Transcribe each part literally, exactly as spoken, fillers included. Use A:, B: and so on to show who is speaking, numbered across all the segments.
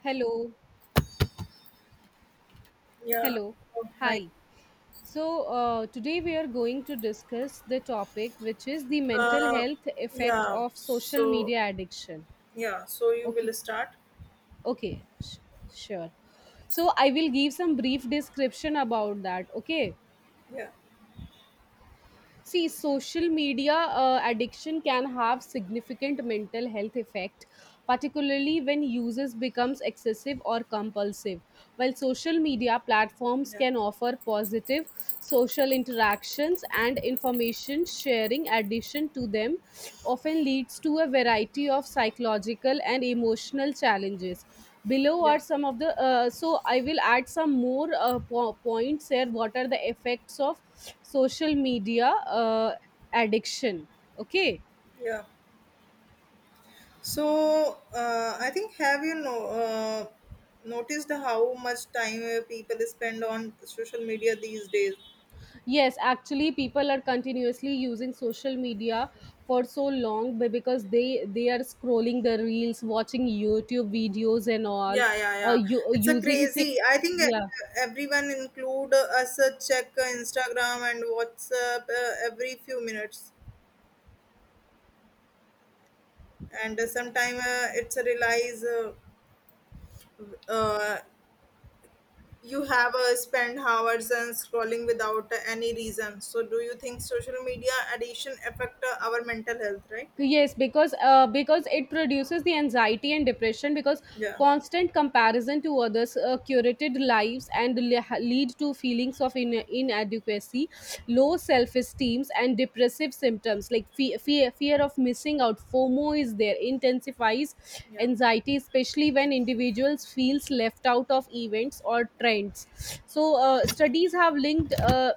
A: Hello,
B: Yeah.
A: hello,
B: Oh, hi.
A: hi. So, uh, today we are going to discuss the topic, which is the mental
B: Uh,
A: health effect
B: yeah.
A: of social
B: So
A: media addiction.
B: yeah. So you
A: Okay,
B: will start.
A: okay, sh- sure. So, I will give some brief description about that. Okay,
B: Yeah.
A: see, social media uh, addiction can have significant mental health effect, particularly when uses becomes excessive or compulsive. While social media platforms
B: Yeah.
A: can offer positive social interactions and information sharing, addition to them often leads to a variety of psychological and emotional challenges. Below are
B: Yeah.
A: some of the uh, so i will add some more uh, po- points here, what are the effects of social media uh, addiction. Okay.
B: Yeah. So uh, I think have you know uh, noticed how much time uh, people spend on social media these days?
A: Yes, actually, people are continuously using social media for so long, be- because they they are scrolling the reels, watching YouTube videos and all.
B: Yeah, yeah,
A: uh,
B: yeah.
A: you,
B: It's a
A: using fa-
B: crazy. I think uh,
A: yeah.
B: everyone include us uh, check uh, Instagram and WhatsApp uh, every few minutes, and uh, sometime uh, it's a realize uh, uh, you have uh, spent hours and scrolling without any reason. So do you think social media addiction affect uh, our mental health, right?
A: Yes, because uh, because it produces the anxiety and depression, because
B: Yeah,
A: constant comparison to others, uh, curated lives, and le- lead to feelings of in- inadequacy, low self esteem, and depressive symptoms, like fe- fear fear of missing out, FOMO is there, intensifies
B: yeah.
A: anxiety, especially when individuals feels left out of events or trends. So uh, studies have linked uh,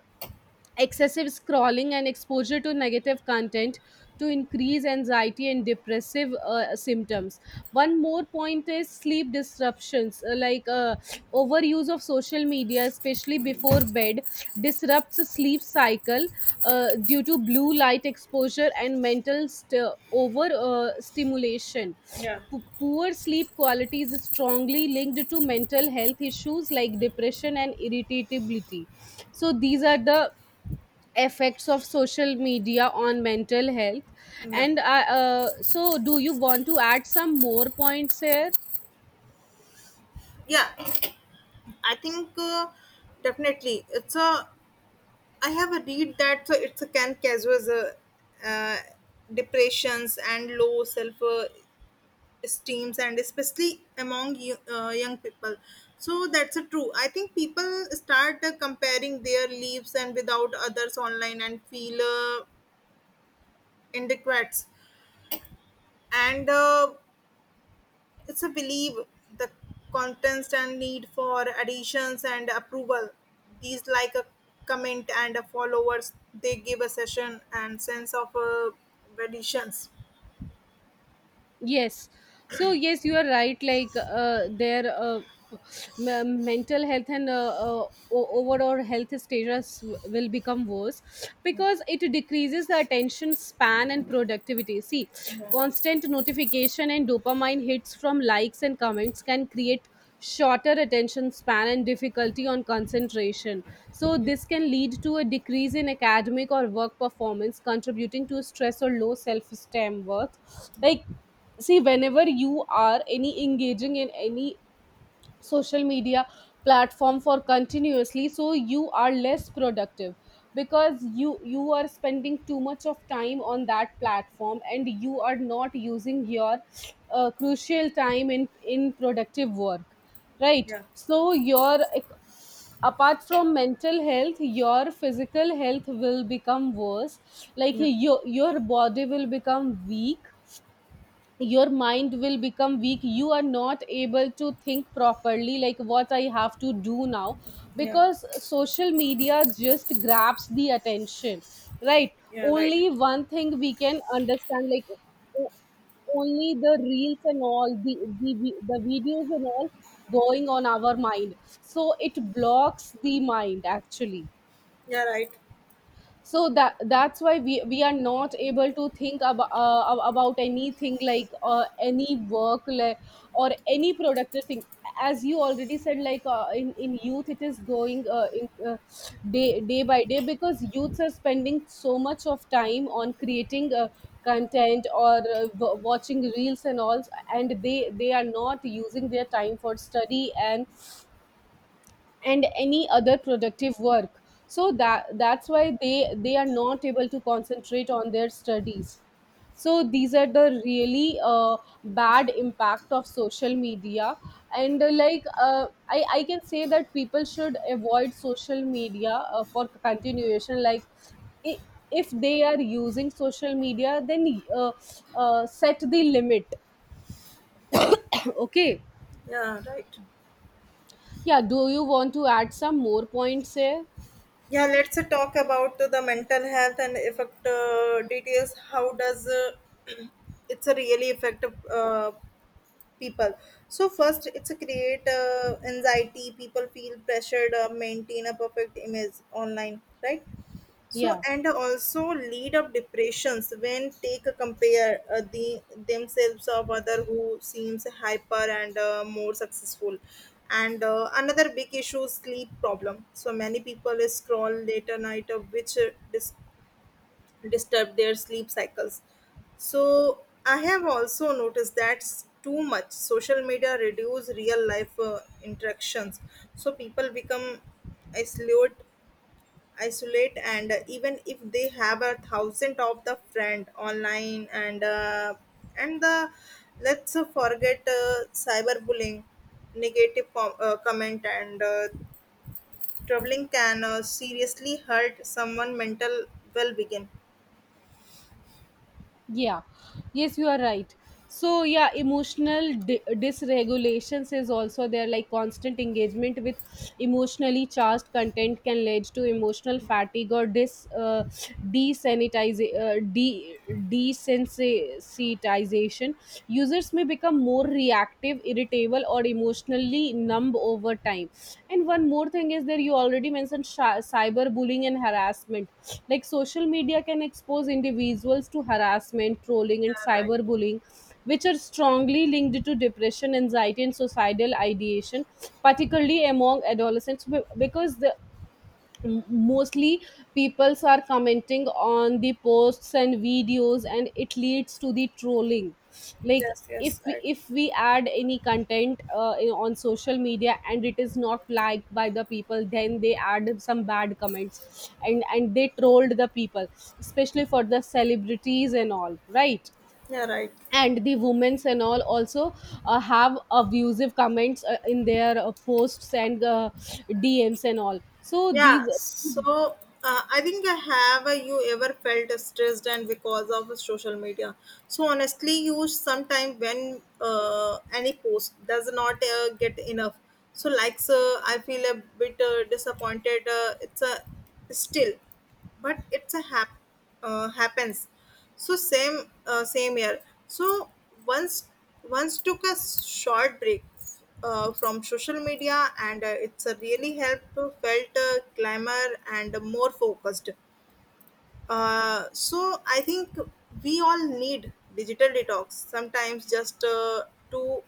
A: excessive scrolling and exposure to negative content to increase anxiety and depressive uh, symptoms. One more point is sleep disruptions, uh, like uh, overuse of social media, especially before bed, disrupts the sleep cycle uh, due to blue light exposure and mental st- over uh, stimulation.
B: Yeah.
A: P- poor sleep quality is strongly linked to mental health issues like depression and irritability. So these are the effects of social media on mental health.
B: Yeah,
A: And I, uh, so do you want to add some more points here?
B: yeah, I think uh, definitely it's a I have a read that uh, it's a can cause uh, uh, depressions and low self uh, esteems, and especially among you, uh, young people. So that's a true, I think people start uh, comparing their lives and without others online and feel uh, inadequate, and uh, it's a belief the contents and need for additions and approval. These like a comment and a followers, they give a session and sense of uh, additions.
A: Yes. So yes, you are right, like uh, their uh, m- uh, mental health and uh, uh, o- overall health status will become worse because it decreases the attention span and productivity. See,
B: Yeah.
A: constant notification and dopamine hits from likes and comments can create shorter attention span and difficulty on concentration. So this can lead to a decrease in academic or work performance, contributing to stress or low self-esteem worth. Like, see, whenever you are any engaging in any social media platform for continuously, so you are less productive, because you you are spending too much of time on that platform and you are not using your uh, crucial time in in productive work, right?
B: Yeah.
A: So your, apart from mental health, your physical health will become worse, like
B: Yeah.
A: your your body will become weak, your mind will become weak, you are not able to think properly, like what I have to do now,
B: Yeah.
A: because social media just grabs the attention, right?
B: Yeah, right.
A: Only one thing we can understand, like, o- only the reels and all the the, vi- the videos and all going on our mind. So it blocks the mind, actually.
B: Yeah, right.
A: So that that's why we we are not able to think about uh, about anything, like uh, any work, like, or any productive thing. As you already said, like uh, in in youth it is going uh, in uh, day day by day, because youths are spending so much of time on creating uh, content or uh, w- watching reels and all, and they they are not using their time for study and and any other productive work. So that that's why they they are not able to concentrate on their studies. So these are the really uh, bad impact of social media. And uh, like uh, I, I can say that people should avoid social media uh, for continuation. Like, i- if they are using social media, then uh, uh, set the limit. Okay.
B: Yeah, right.
A: Yeah, do you want to add some more points here?
B: Yeah, let's uh, talk about uh, the mental health and effect uh, details. How does uh, it's a really effective uh, people. So first it's a create uh, anxiety, people feel pressured uh, maintain a perfect image online, right? So
A: Yeah.
B: and also lead up depressions when take a compare uh, the themselves of other who seems hyper and uh, more successful. And uh, another big issue is sleep problem. So many people scroll later night uh, which uh, dis- disturb their sleep cycles. So I have also noticed that s- too much social media reduce real life uh, interactions. So people become isolate, isolate, and uh, even if they have a thousand of the friend online, and uh, and the let's uh, forget uh, cyberbullying, negative com- uh, comment, and uh, troubling can uh, seriously hurt someone mental well-being.
A: Yeah, yes, you are right. So, yeah, emotional di- dysregulations is also there, like constant engagement with emotionally charged content can lead to emotional fatigue or dis uh, desanitiza- uh, de- desensitization. Users may become more reactive, irritable, or emotionally numb over time. And one more thing is there, you already mentioned sh- cyberbullying and harassment, like social media can expose individuals to harassment, trolling, and
B: Yeah, right.
A: cyberbullying, which are strongly linked to depression, anxiety, and suicidal ideation, particularly among adolescents, be- because the M- mostly peoples are commenting on the posts and videos, and it leads to the trolling, like
B: Yes,
A: if
B: yes,
A: we,
B: right.
A: if we add any content uh, in- on social media and it is not liked by the people, then they add some bad comments and and they trolled the people, especially for the celebrities and all, right?
B: Yeah, right.
A: And the women's and all also uh, have abusive comments uh, in their uh, posts and uh, D Ms and all. So these.
B: Yeah, so uh, I think I have uh, you ever felt stressed and because of social media. So honestly, you sometime when uh, any post does not uh, get enough. So likes, uh, I feel a bit uh, disappointed. Uh, it's a still, but it's a hap uh, happens. So same uh, same year. So once once took a short break uh, from social media, and uh, it's a really helped to felt uh, glamour and more focused. Uh, so I think we all need digital detox sometimes just uh, to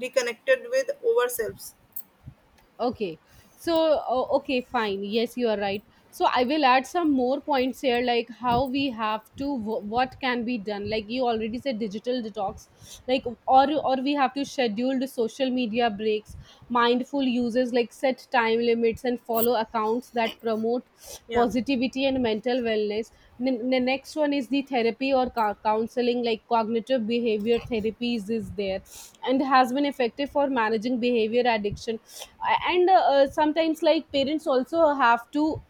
B: reconnected with ourselves.
A: Okay. So, o- okay, fine. Yes, you are right. So, I will add some more points here, like how we have to, w- what can be done. Like you already said, digital detox, like or or we have to schedule social media breaks, mindful uses, like set time limits and follow accounts that promote
B: Yeah,
A: positivity and mental wellness. N- the next one is the therapy or cou- counseling, like cognitive behavior therapies is there, and has been effective for managing behavior addiction. And uh, sometimes like parents also have to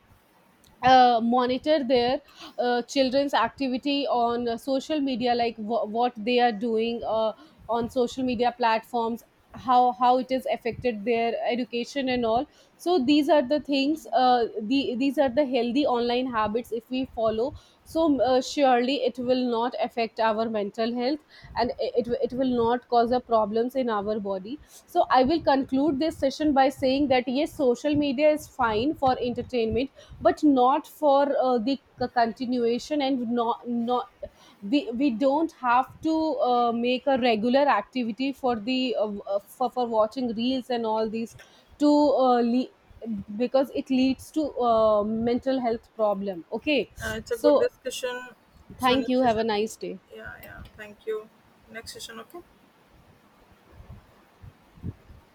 A: uh, monitor their uh, children's activity on uh, social media, like wh- what they are doing uh, on social media platforms, how how it has affected their education and all. So these are the things, uh, the, these are the healthy online habits, if we follow, so uh, surely it will not affect our mental health, and it, it will not cause a problems in our body. So I will conclude this session by saying that yes, social media is fine for entertainment but not for uh, the c- continuation, and not not we, we don't have to uh, make a regular activity for the uh, uh, for, for watching reels and all these, to uh, le- because it leads to uh, mental health problem. Okay.
B: uh, it's a good
A: So
B: discussion. So
A: thank
B: next
A: you, have
B: session.
A: a nice day.
B: Yeah, yeah. Thank you. Next session, okay.